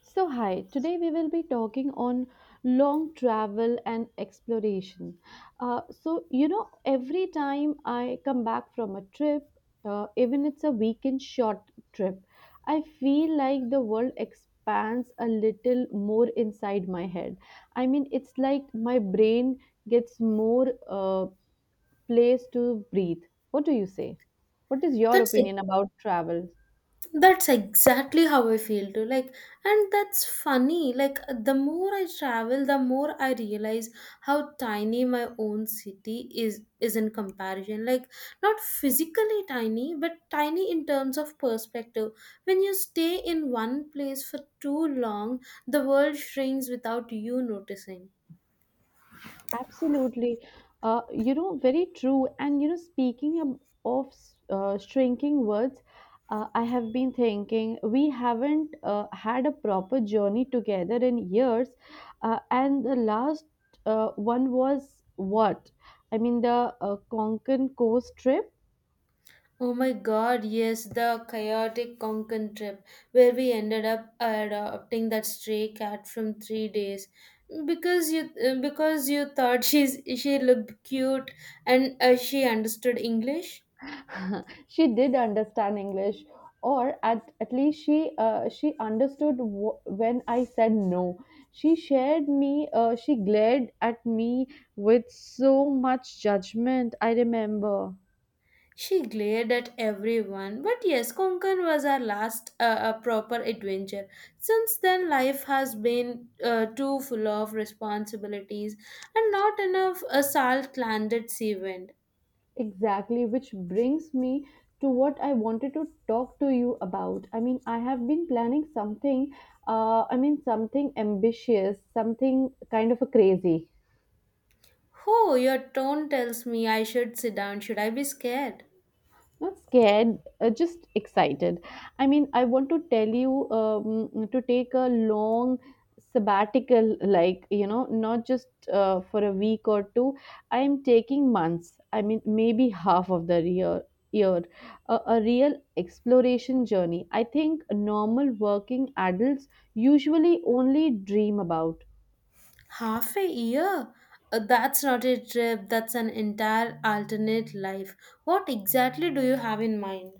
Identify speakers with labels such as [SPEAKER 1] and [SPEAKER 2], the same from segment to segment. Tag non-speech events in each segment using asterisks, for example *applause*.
[SPEAKER 1] So hi, today we will be talking on long travel and exploration. So every time I come back from a trip, even it's a weekend short trip, I feel like the world expands a little more inside my head. I mean, it's like my brain gets more, place to breathe. What do you say? What is your
[SPEAKER 2] That's it.
[SPEAKER 1] opinion about travel?
[SPEAKER 2] That's exactly how I feel too. And that's funny. The more I travel, the more I realize how tiny my own city is in comparison. Not physically tiny, but tiny in terms of perspective. When you stay in one place for too long, the world shrinks without you noticing.
[SPEAKER 1] Absolutely. Very true. And, speaking of shrinking words. I have been thinking we haven't, had a proper journey together in years. And the last, one was what? I mean, the, Konkan Coast trip.
[SPEAKER 2] Oh my god, yes, the chaotic Konkan trip where we ended up adopting that stray cat from 3 days because you thought *laughs* she looked cute and she understood English.
[SPEAKER 1] *laughs* She did understand English, or at least she, she understood when I said no. She shared me. She glared at me with so much judgment, I remember.
[SPEAKER 2] She glared at everyone. But yes, Konkan was our last proper adventure. Since then life has been too full of responsibilities and not enough a salt landed sea wind.
[SPEAKER 1] Exactly, which brings me to what I wanted to talk to you about. I mean, I have been planning something. I mean, something ambitious, something kind of a crazy.
[SPEAKER 2] Oh, your tone tells me I should sit down. Should I be scared?
[SPEAKER 1] Not scared, just excited. I mean, I want to tell you, to take a long sabbatical, like, not just, for a week or two. I am taking months. I mean, maybe half of the year, a real exploration journey I think normal working adults usually only dream about.
[SPEAKER 2] Half a year? That's not a trip, that's an entire alternate life. What exactly do you have in mind?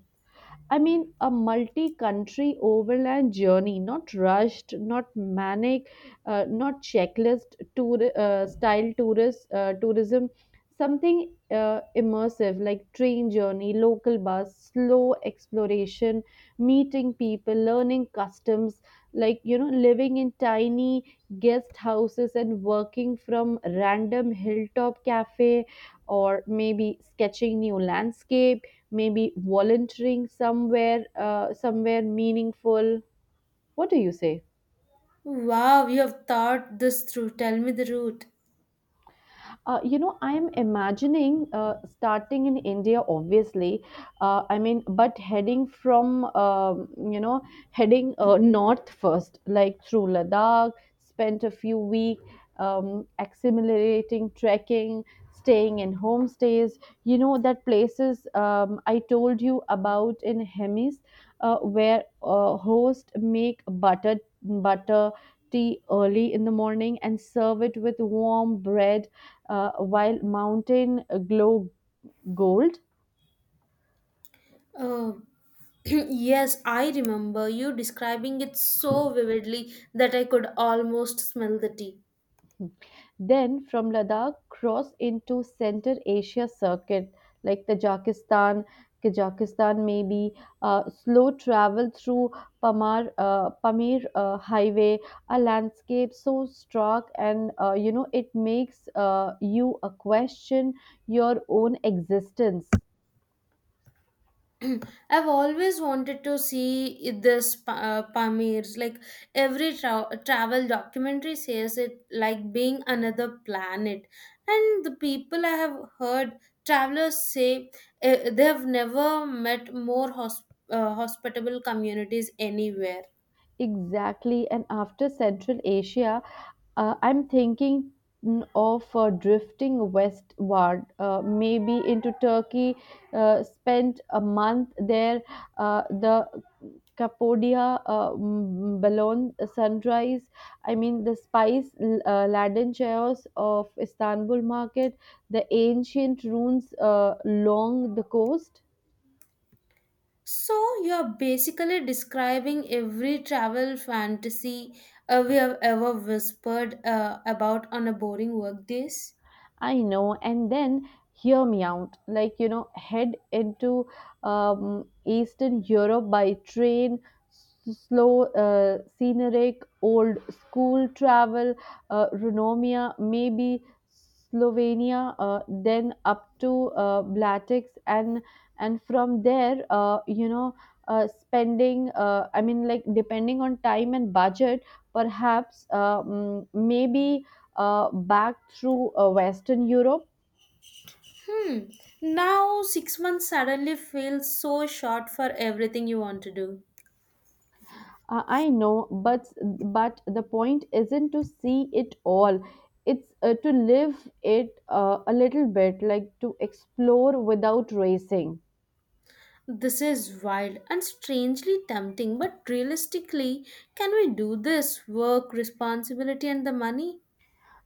[SPEAKER 1] I mean, a multi country overland journey, not rushed, not manic, not checklist tour, style tourist, tourism, something, immersive, like train journey, local bus, slow exploration, meeting people, learning customs, like, living in tiny guest houses and working from random hilltop cafe, or maybe sketching new landscape, maybe volunteering somewhere, somewhere meaningful. What do you say?
[SPEAKER 2] Wow, you have thought this through. Tell me the route.
[SPEAKER 1] I am imagining, starting in India, obviously. I mean, but heading from, heading, north first, like through Ladakh, spent a few weeks, assimilating, trekking, staying in homestays. That places, I told you about in Hemis, where, hosts make butter tea early in the morning and serve it with warm bread, while mountain glow gold.
[SPEAKER 2] Oh, *clears throat* yes, I remember you describing it so vividly that I could almost smell the tea.
[SPEAKER 1] Then from Ladakh, cross into Central Asia circuit like Tajikistan, Kazakhstan maybe, slow travel through Pamir, highway, a landscape so stark and, you know, it makes, you a question your own existence.
[SPEAKER 2] *clears throat* I've always wanted to see Pamirs. Like every travel documentary says it like being another planet. And the people I have heard travelers say they have never met more hospitable communities anywhere.
[SPEAKER 1] Exactly. And after Central Asia, I'm thinking, of, drifting westward, maybe into Turkey, spent a month there, the Cappadocia, Balon sunrise. I mean, the spice, laden chaos of Istanbul market, the ancient ruins, along the coast.
[SPEAKER 2] So you're basically describing every travel fantasy we have ever whispered about on a boring work days.
[SPEAKER 1] I know. And then hear me out. Like, head into, Eastern Europe by train, slow, scenic, old school travel, Runomia, maybe Slovenia, then up to, Blatix. And from there, spending, I mean, like, depending on time and budget, perhaps, maybe, back through, Western Europe.
[SPEAKER 2] Hmm. Now, 6 months suddenly feels so short for everything you want to do.
[SPEAKER 1] I know, but the point isn't to see it all. It's, to live it, a little bit, like to explore without racing.
[SPEAKER 2] This is wild and strangely tempting, but realistically, can we do this work, responsibility, and the money?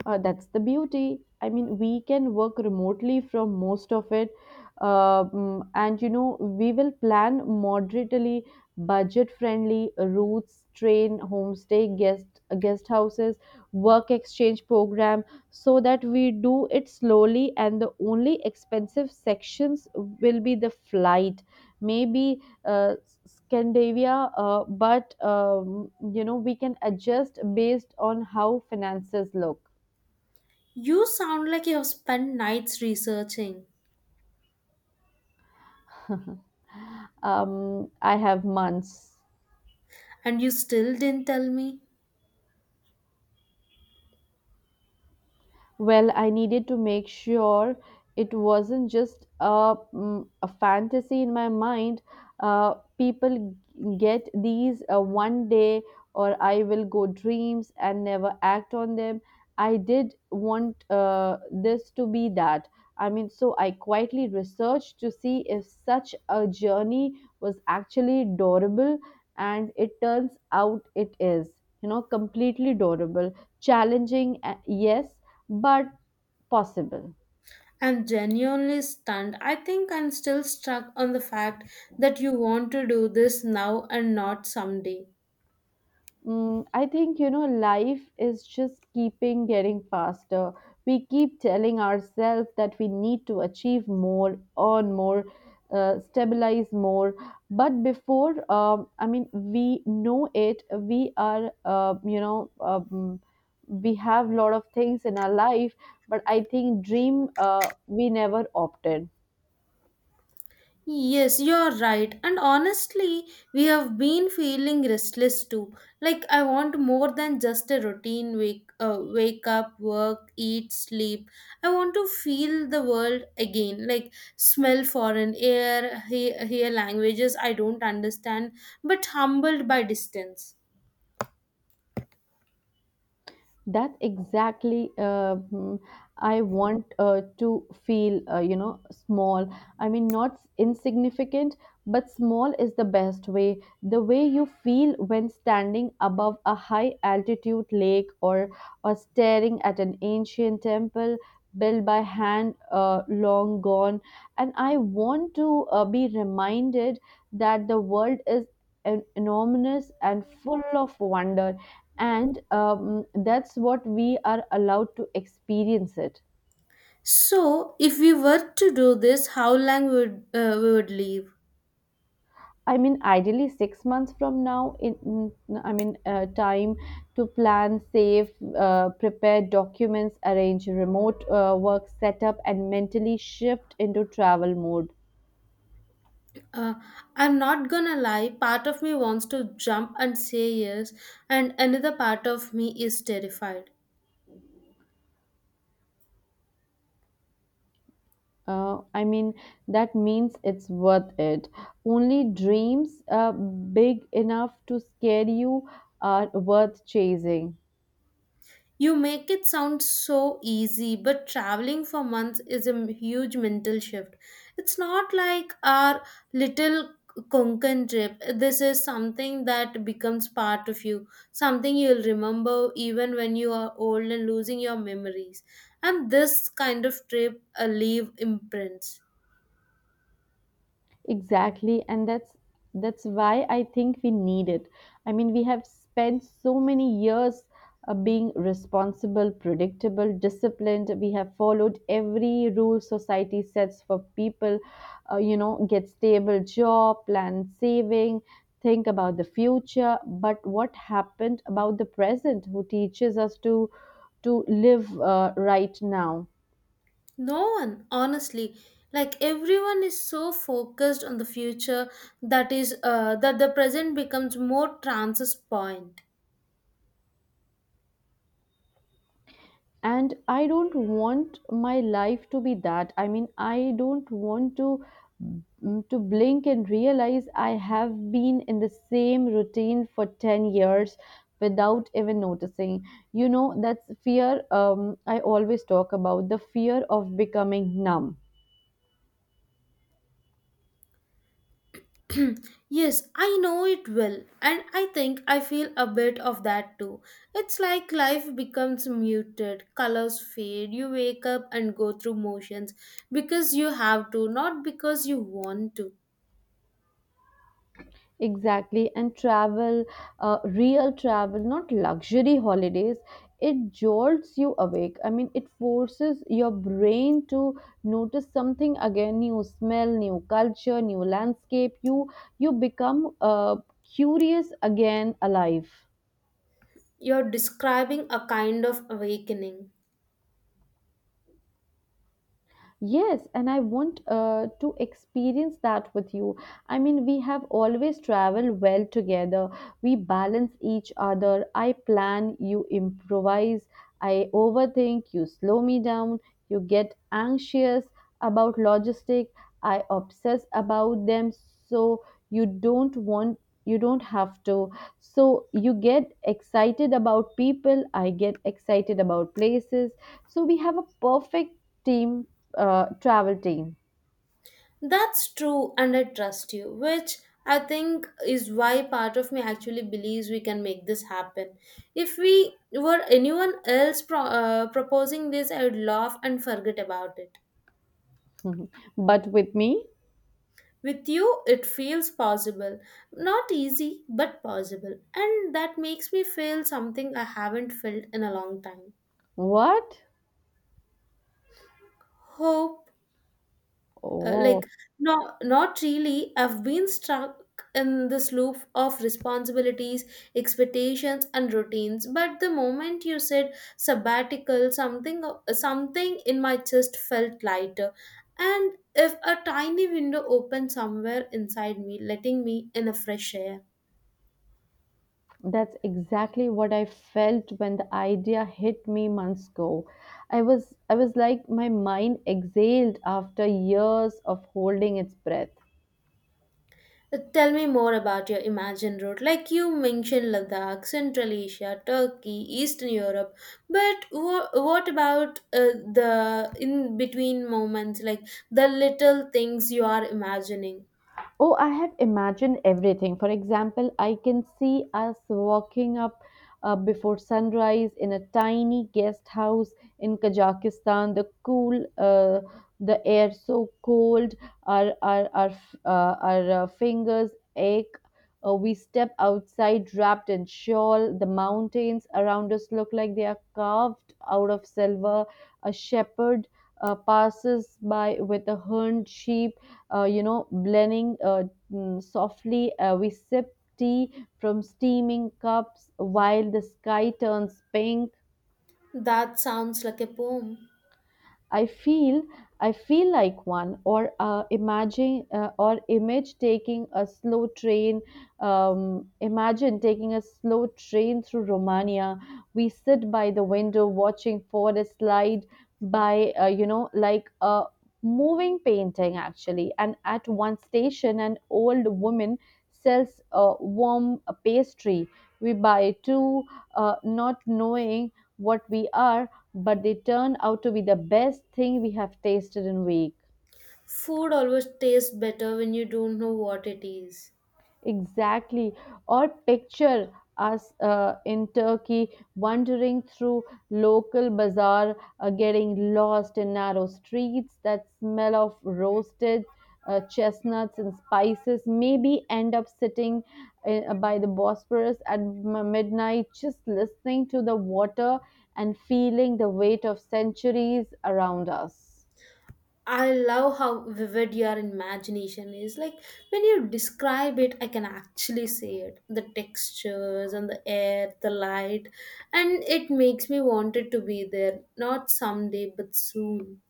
[SPEAKER 1] That's the beauty. I mean, we can work remotely from most of it. And we will plan moderately, budget friendly routes, train, homestay, guest houses, work exchange program, so that we do it slowly. And the only expensive sections will be the flight, maybe, Scandinavia, but, we can adjust based on how finances look.
[SPEAKER 2] You sound like you have spent nights researching,
[SPEAKER 1] *laughs* I have months.
[SPEAKER 2] and you still didn't tell me.
[SPEAKER 1] Well, I needed to make sure it wasn't just a fantasy in my mind. People get these, one day or I will go dreams and never act on them. I did want, this to be that. I mean, so I quietly researched to see if such a journey was actually adorable, and it turns out it is, completely adorable, challenging, yes, but possible.
[SPEAKER 2] I'm genuinely stunned. I think I'm still struck on the fact that you want to do this now and not someday.
[SPEAKER 1] I think, life is just keeping getting faster. We keep telling ourselves that we need to achieve more, earn more, stabilize more. But before, I mean, we know it, we are, we have a lot of things in our life, but I think dream, we never opted.
[SPEAKER 2] Yes, you're right. And honestly, we have been feeling restless too. Like I want more than just a routine wake up, work, eat, sleep. I want to feel the world again, like smell foreign air, hear languages I don't understand, but humbled by distance.
[SPEAKER 1] That exactly, I want, to feel, small. I mean, not insignificant, but small is the best way. The way you feel when standing above a high altitude lake, or staring at an ancient temple built by hand, long gone. And I want to, be reminded that the world is enormous and full of wonder, and, that's what we are allowed to experience it.
[SPEAKER 2] So, if we were to do this, how long would we would live?
[SPEAKER 1] I mean, ideally 6 months from now, time to plan, save, prepare documents, arrange remote, work setup, and mentally shift into travel mode.
[SPEAKER 2] Uh, I'm not gonna lie, part of me wants to jump and say yes, and another part of me is terrified.
[SPEAKER 1] I mean, that means it's worth it. Only dreams, big enough to scare you are worth chasing.
[SPEAKER 2] You make it sound so easy, but traveling for months is a huge mental shift. It's not like our little Konkan trip. This is something that becomes part of you, something you'll remember even when you are old and losing your memories. And this kind of trip leave imprints.
[SPEAKER 1] Exactly, and that's why I think we need it. I mean, we have spent so many years, being responsible, predictable, disciplined. We have followed every rule society sets for people. Get stable job, plan saving, think about the future. But what happened about the present? Who teaches us to live, right now?
[SPEAKER 2] No one, honestly. Like everyone is so focused on the future that the present becomes more transit point.
[SPEAKER 1] And I don't want my life to be that. I mean, I don't want to blink and realize I have been in the same routine for 10 years without even noticing. You know, that's fear. I always talk about the fear of becoming numb.
[SPEAKER 2] *clears throat* Yes, I know it well, and I think I feel a bit of that too. It's like life becomes muted, colors fade, you wake up and go through motions because you have to, not because you want to.
[SPEAKER 1] Exactly, and travel, real travel, not luxury holidays, it jolts you awake. I mean, it forces your brain to notice something again, new smell, new culture, new landscape. You become, curious again, alive.
[SPEAKER 2] You're describing a kind of awakening.
[SPEAKER 1] Yes, and I want, to experience that with you. I mean, we have always traveled well together. We balance each other. I plan, you improvise. I overthink, you slow me down. You get anxious about logistic. I obsess about them. So you don't want you don't have to, so you get excited about people, I get excited about places, so we have a perfect team, travel team.
[SPEAKER 2] That's true, and I trust you, which I think is why part of me actually believes we can make this happen. If we were anyone else proposing this, I would laugh and forget about it.
[SPEAKER 1] *laughs* But with me?
[SPEAKER 2] With you, it feels possible. Not easy, but possible. And that makes me feel something I haven't felt in a long time.
[SPEAKER 1] What?
[SPEAKER 2] Hope. uh,
[SPEAKER 1] Oh.
[SPEAKER 2] like not really, I've been stuck in this loop of responsibilities, expectations and routines, but the moment you said sabbatical, something in my chest felt lighter, and if a tiny window opened somewhere inside me letting me in a fresh air.
[SPEAKER 1] That's exactly what I felt when the idea hit me months ago. I was like my mind exhaled after years of holding its breath.
[SPEAKER 2] Tell me more about your imagined route. Like you mentioned Ladakh, Central Asia, Turkey, Eastern Europe, but what about the in between moments, like the little things you are imagining?
[SPEAKER 1] Oh, I have imagined everything. For example, I can see us walking up, before sunrise in a tiny guest house in Kazakhstan. The air so cold, our fingers ache. We step outside wrapped in shawl. The mountains around us look like they are carved out of silver. A shepherd, passes by with a horned sheep, blending, softly. We sip tea from steaming cups while the sky turns pink.
[SPEAKER 2] That sounds like a poem.
[SPEAKER 1] I feel I feel like one, or, imagine or image taking a slow train. Imagine taking a slow train through Romania. We sit by the window watching forest slide by, like a moving painting actually. And at one station, an old woman sells a warm pastry. We buy two, not knowing what we are, but they turn out to be the best thing we have tasted in week.
[SPEAKER 2] Food always tastes better when you don't know what it is.
[SPEAKER 1] Exactly. Or picture us, in Turkey wandering through local bazaar, getting lost in narrow streets that smell of roasted, chestnuts and spices, maybe end up sitting, by the Bosphorus at midnight, just listening to the water and feeling the weight of centuries around us.
[SPEAKER 2] I love how vivid your imagination is. Like when you describe it, I can actually see it. The textures and the air, the light, and it makes me want it to be there. Not someday, but soon.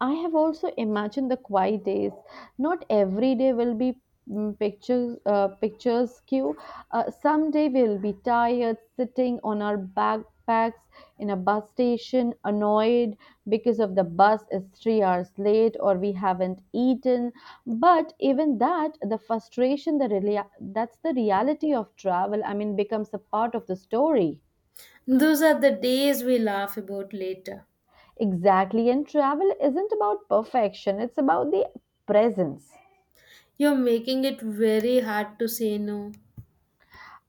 [SPEAKER 1] I have also imagined the quiet days. Not every day will be, pictures queue. Someday we'll be tired sitting on our backpacks in a bus station, annoyed because of the bus is 3 hours late or we haven't eaten. But even that, the frustration, the that's the reality of travel. I mean, becomes a part of the story.
[SPEAKER 2] Those are the days we laugh about later.
[SPEAKER 1] Exactly, and travel isn't about perfection. It's about the presence.
[SPEAKER 2] You're making it very hard to say no.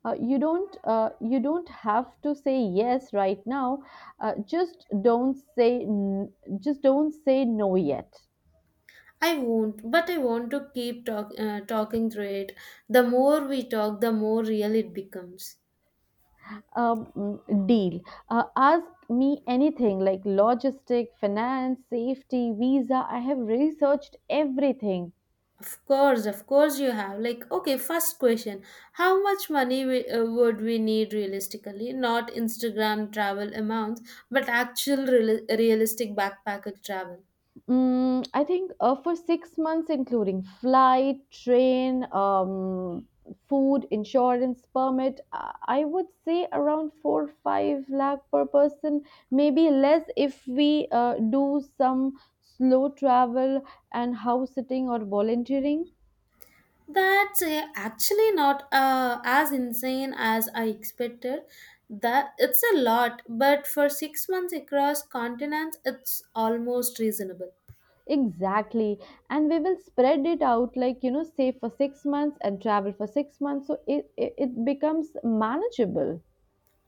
[SPEAKER 1] You don't have to say yes right now. Uh, just don't say n- just don't say no yet.
[SPEAKER 2] I won't, but I want to keep talking through it. The more we talk, the more real it becomes.
[SPEAKER 1] Deal. Ask me anything, like logistic, finance, safety, visa. I have researched everything.
[SPEAKER 2] Of course, you have. Like, okay, first question. How much money would we need realistically? Not Instagram travel amounts, but actual realistic backpacker travel.
[SPEAKER 1] I think, for 6 months, including flight, train, food, insurance, permit, I would say around 4-5 lakh per person, maybe less if we, do some slow travel and house sitting or volunteering.
[SPEAKER 2] That's actually not as insane as I expected. That it's a lot, but for 6 months across continents, it's almost reasonable.
[SPEAKER 1] Exactly, and we will spread it out, like, save for 6 months and travel for 6 months, so it becomes manageable.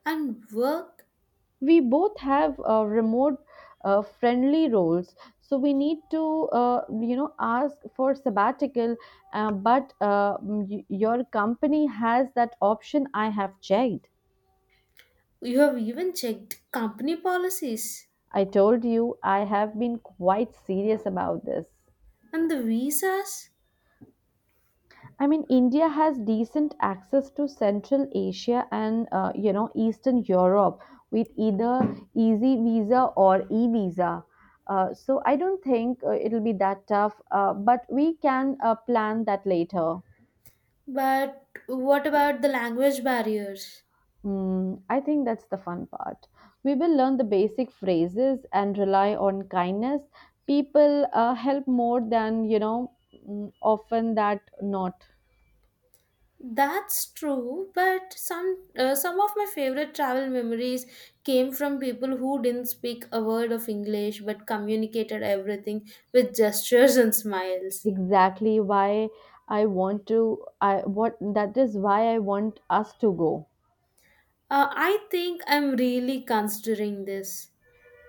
[SPEAKER 2] And work,
[SPEAKER 1] We both have remote friendly roles, so we need to ask for sabbatical, but your company has that option. I have checked.
[SPEAKER 2] you have even checked company policies
[SPEAKER 1] I told you I have been quite serious about this.
[SPEAKER 2] and the visas.
[SPEAKER 1] I mean, India has decent access to Central Asia and Eastern Europe, with either easy visa or e visa. So I don't think it'll be that tough. But we can plan that later.
[SPEAKER 2] But what about the language barriers?
[SPEAKER 1] I think that's the fun part. We will learn the basic phrases and rely on kindness. People help more than, often that not.
[SPEAKER 2] That's true, but some of my favorite travel memories came from people who didn't speak a word of English but communicated everything with gestures and smiles.
[SPEAKER 1] Exactly why I want to I what that is why I want us to go.
[SPEAKER 2] I think I'm really considering this.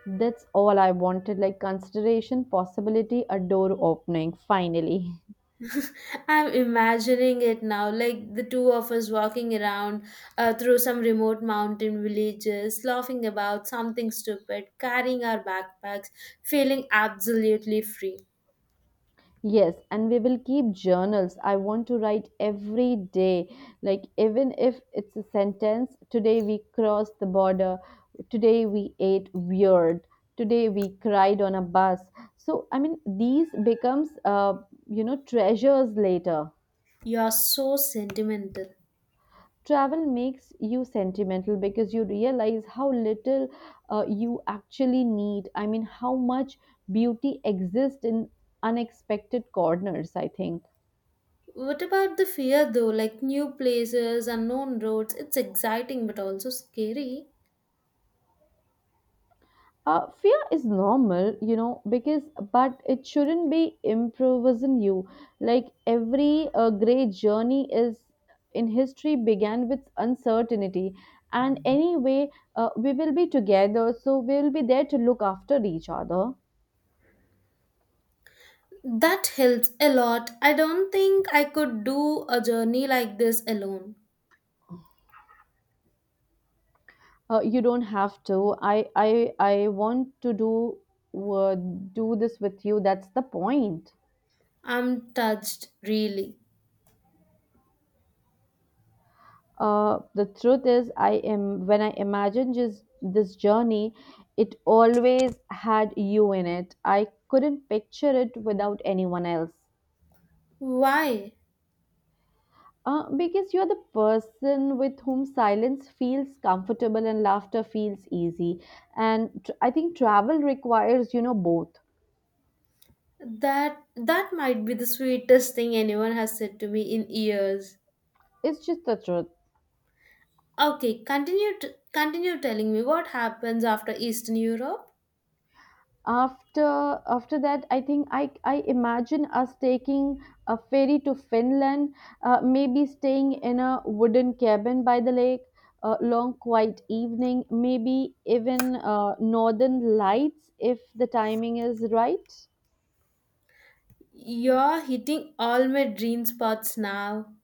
[SPEAKER 1] That's all I wanted, like consideration, possibility, a door opening finally. *laughs*
[SPEAKER 2] I'm imagining it now, like the two of us walking around through some remote mountain villages, laughing about something stupid, carrying our backpacks, feeling absolutely free.
[SPEAKER 1] Yes, and we will keep journals. I want to write every day. Like even if it's a sentence, today we crossed the border, today we ate weird, today we cried on a bus. So I mean these becomes treasures later.
[SPEAKER 2] You're so sentimental.
[SPEAKER 1] Travel makes you sentimental because you realize how little you actually need. I mean, how much beauty exists in unexpected corners, I think.
[SPEAKER 2] What about the fear though? Like new places, unknown roads, it's exciting but also scary.
[SPEAKER 1] Fear is normal, you know, because but it shouldn't be improvising you. Like every great journey is in history began with uncertainty, and anyway, we will be together, so we will be there to look after each other.
[SPEAKER 2] That helps a lot. I don't think I could do a journey like this alone.
[SPEAKER 1] You don't have to. I want to do do this with you. That's the point.
[SPEAKER 2] I'm touched, really.
[SPEAKER 1] The truth is, I am when I imagine just this journey, it always had you in it. I couldn't picture it without anyone else.
[SPEAKER 2] Why?
[SPEAKER 1] Because you're the person with whom silence feels comfortable and laughter feels easy, and I think travel requires, you know, both.
[SPEAKER 2] That that might be the sweetest thing anyone has said to me in years.
[SPEAKER 1] It's just the truth.
[SPEAKER 2] Okay, continue telling me what happens after Eastern Europe.
[SPEAKER 1] After that, I think I imagine us taking a ferry to Finland, maybe staying in a wooden cabin by the lake, a long quiet evening, maybe even northern lights if the timing is right.
[SPEAKER 2] You're hitting all my dream spots now.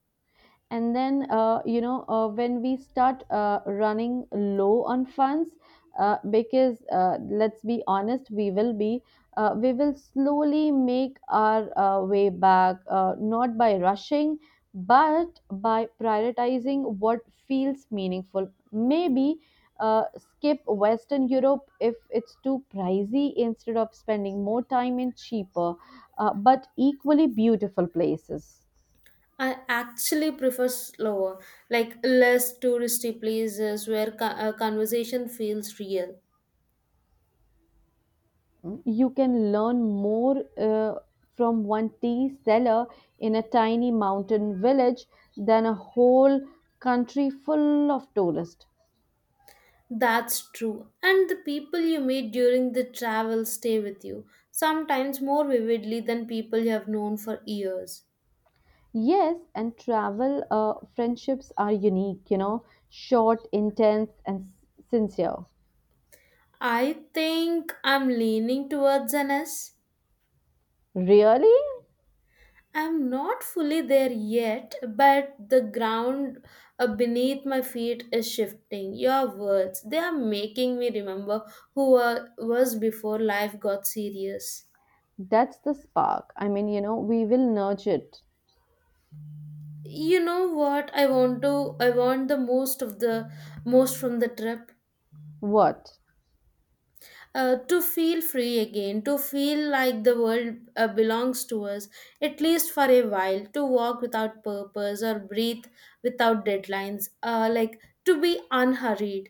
[SPEAKER 1] And then when we start running low on funds, because let's be honest, we will be we will slowly make our way back, not by rushing but by prioritizing what feels meaningful. Maybe skip Western Europe if it's too pricey, instead of spending more time in cheaper but equally beautiful places.
[SPEAKER 2] I actually prefer slower, like less touristy places where conversation feels real.
[SPEAKER 1] You can learn more from one tea seller in a tiny mountain village than a whole country full of tourists.
[SPEAKER 2] That's true. And the people you meet during the travel stay with you, sometimes more vividly than people you have known for years.
[SPEAKER 1] Yes, and travel friendships are unique, you know, short, intense, and sincere.
[SPEAKER 2] I think I'm leaning towards an S.
[SPEAKER 1] Really?
[SPEAKER 2] I'm not fully there yet, but the ground beneath my feet is shifting. Your words, they are making me remember who I was before life got serious.
[SPEAKER 1] That's the spark. I mean, you know, we will nurture it.
[SPEAKER 2] You know what I want the most from the trip.
[SPEAKER 1] What?
[SPEAKER 2] To feel free again, to feel like the world belongs to us, at least for a while, to walk without purpose or breathe without deadlines, like to be unhurried.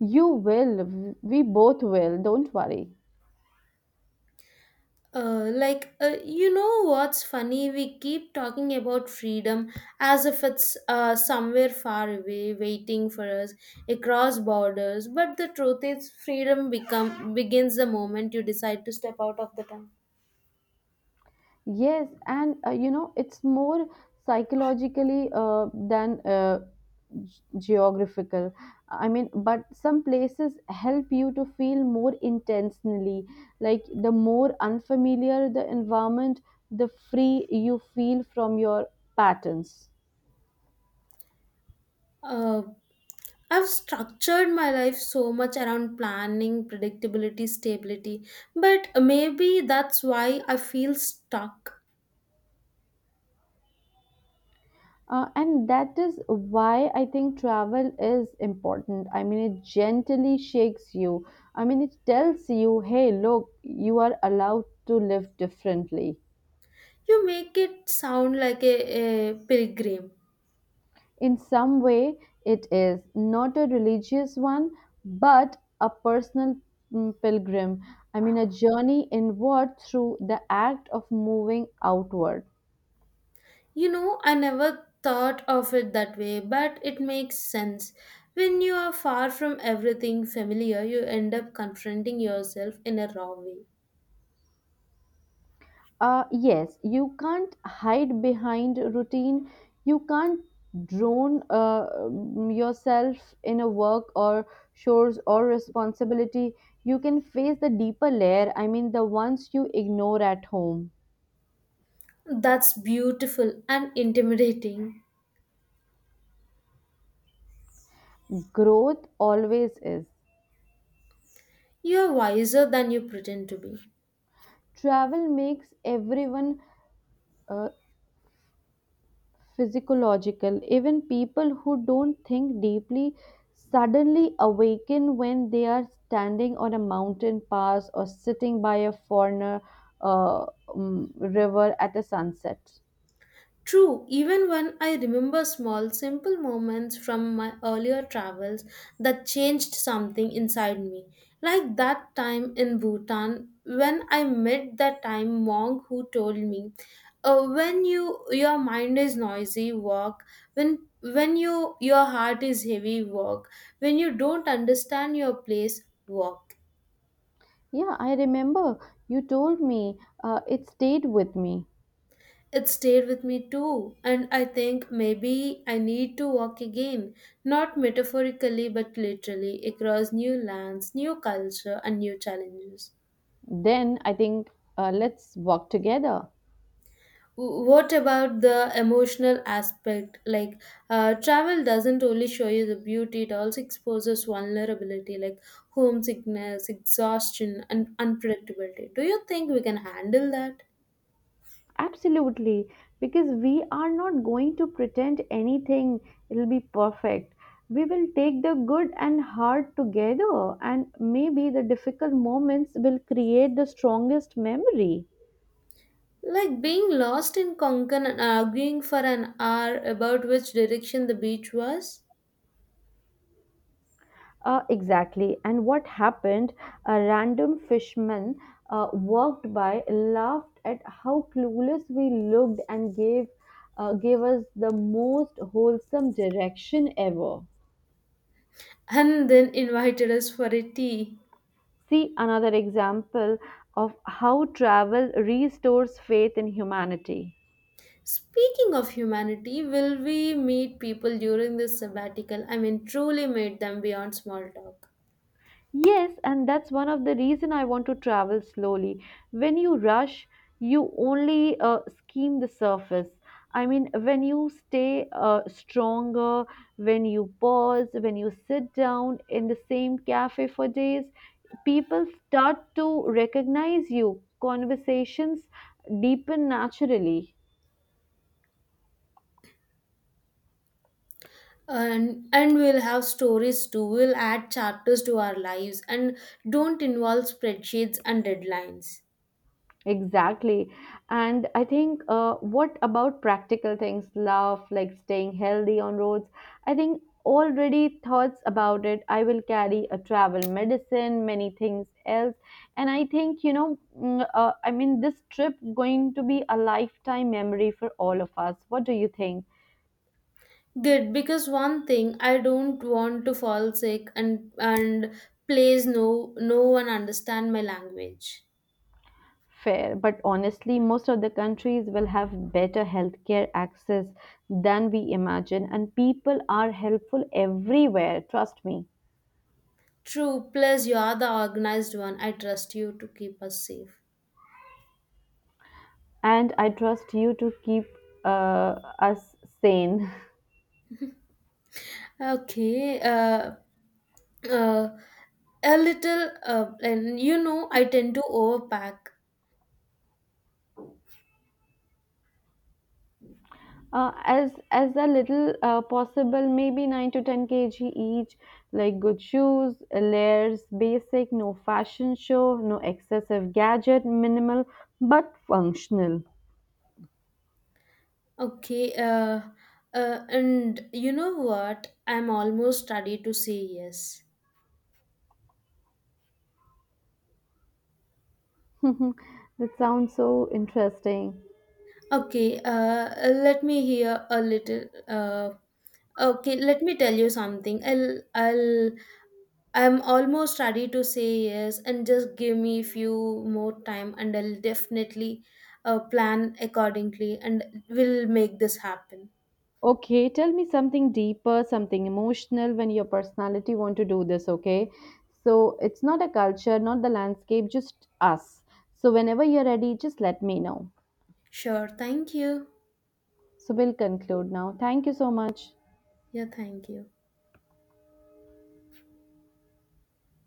[SPEAKER 1] You will. We both will. Don't worry.
[SPEAKER 2] You know what's funny? We keep talking about freedom as if it's somewhere far away, waiting for us across borders. But the truth is, freedom become begins the moment you decide to step out of the town.
[SPEAKER 1] Yes, and it's more psychologically than geographical. I mean, but some places help you to feel more intentionally. Like the more unfamiliar the environment, the free you feel from your patterns.
[SPEAKER 2] Uh, I've structured my life so much around planning, predictability, stability, but maybe that's why I feel stuck.
[SPEAKER 1] And that is why I think travel is important. I mean, it gently shakes you. I mean, it tells you, hey, look, you are allowed to live differently.
[SPEAKER 2] You make it sound like a pilgrim.
[SPEAKER 1] In some way, it is not a religious one, but a personal pilgrim. I mean, a journey inward through the act of moving outward.
[SPEAKER 2] You know, I never thought of it that way, but it makes sense. When you are far from everything familiar, you end up confronting yourself in a raw way.
[SPEAKER 1] Yes, you can't hide behind routine. You can't drown yourself in a work or chores or responsibility. You can face the deeper layer, I mean, the ones you ignore at home.
[SPEAKER 2] That's beautiful and intimidating.
[SPEAKER 1] Growth always is.
[SPEAKER 2] You are wiser than you pretend to be.
[SPEAKER 1] Travel makes everyone uh, physiological. Even people who don't think deeply suddenly awaken when they are standing on a mountain pass or sitting by a foreigner uh, river at a sunset.
[SPEAKER 2] True, even when I remember small, simple moments from my earlier travels that changed something inside me. Like that time in Bhutan when I met that time monk who told me, when your mind is noisy, walk. When your heart is heavy, walk. When you don't understand your place, walk.
[SPEAKER 1] Yeah, I remember you told me, it stayed with me.
[SPEAKER 2] It stayed with me too, and I think maybe I need to walk again, not metaphorically but literally, across new lands, new culture, and new challenges.
[SPEAKER 1] Then I think let's walk together.
[SPEAKER 2] What about the emotional aspect? Travel doesn't only show you the beauty, it also exposes vulnerability, like homesickness, exhaustion, and unpredictability. Do you think we can handle that?
[SPEAKER 1] Absolutely, because we are not going to pretend anything it will be perfect. We will take the good and hard together, and maybe the difficult moments will create the strongest memory.
[SPEAKER 2] Like being lost in Konkan and arguing for an hour about which direction the beach was,
[SPEAKER 1] Exactly. And what happened? A random fishman walked by, laughed at how clueless we looked, and gave gave us the most wholesome direction ever.
[SPEAKER 2] and then invited us for a tea.
[SPEAKER 1] See another example of how travel restores faith in humanity.
[SPEAKER 2] Speaking of humanity, will we meet people during this sabbatical? I mean, truly meet them beyond small talk.
[SPEAKER 1] Yes, and that's one of the reason I want to travel slowly. When you rush, you only skim the surface. I mean, when you stay stronger, when you pause, when you sit down in the same cafe for days, people start to recognize you. Conversations deepen naturally.
[SPEAKER 2] And we'll have stories too. We'll add chapters to our lives and don't involve spreadsheets and deadlines.
[SPEAKER 1] Exactly. And I think, what about practical things, love, like staying healthy on roads? I think already thoughts about it. I will carry a travel medicine, many things else. And I think, you know, I mean, this trip going to be a lifetime memory for all of us. What do you think?
[SPEAKER 2] Good, because one thing I don't want to fall sick and please no one understand my language.
[SPEAKER 1] Fair, but honestly, most of the countries will have better healthcare access than we imagine, and people are helpful everywhere. Trust me.
[SPEAKER 2] True, plus you are the organized one. I trust you to keep us safe.
[SPEAKER 1] And I trust you to keep us sane. *laughs*
[SPEAKER 2] Okay, uh, a little and you know I tend to overpack.
[SPEAKER 1] As a little possible, maybe 9 to 10 kg each. Like good shoes, layers, basic, no fashion show, no excessive gadget, minimal but functional.
[SPEAKER 2] Okay, and you know what? I'm almost ready to say yes.
[SPEAKER 1] *laughs* That sounds so interesting.
[SPEAKER 2] Okay, let me hear a little uh, okay, let me tell you something. I'm almost ready to say yes and just give me few more time and I'll definitely plan accordingly and we'll make this happen.
[SPEAKER 1] Okay, tell me something deeper, something emotional when your personality want to do this, okay? So it's not a culture, not the landscape, just us. So whenever you're ready, just let me know.
[SPEAKER 2] Sure, thank you.
[SPEAKER 1] So we'll conclude now. Thank you so much.
[SPEAKER 2] Yeah, thank you.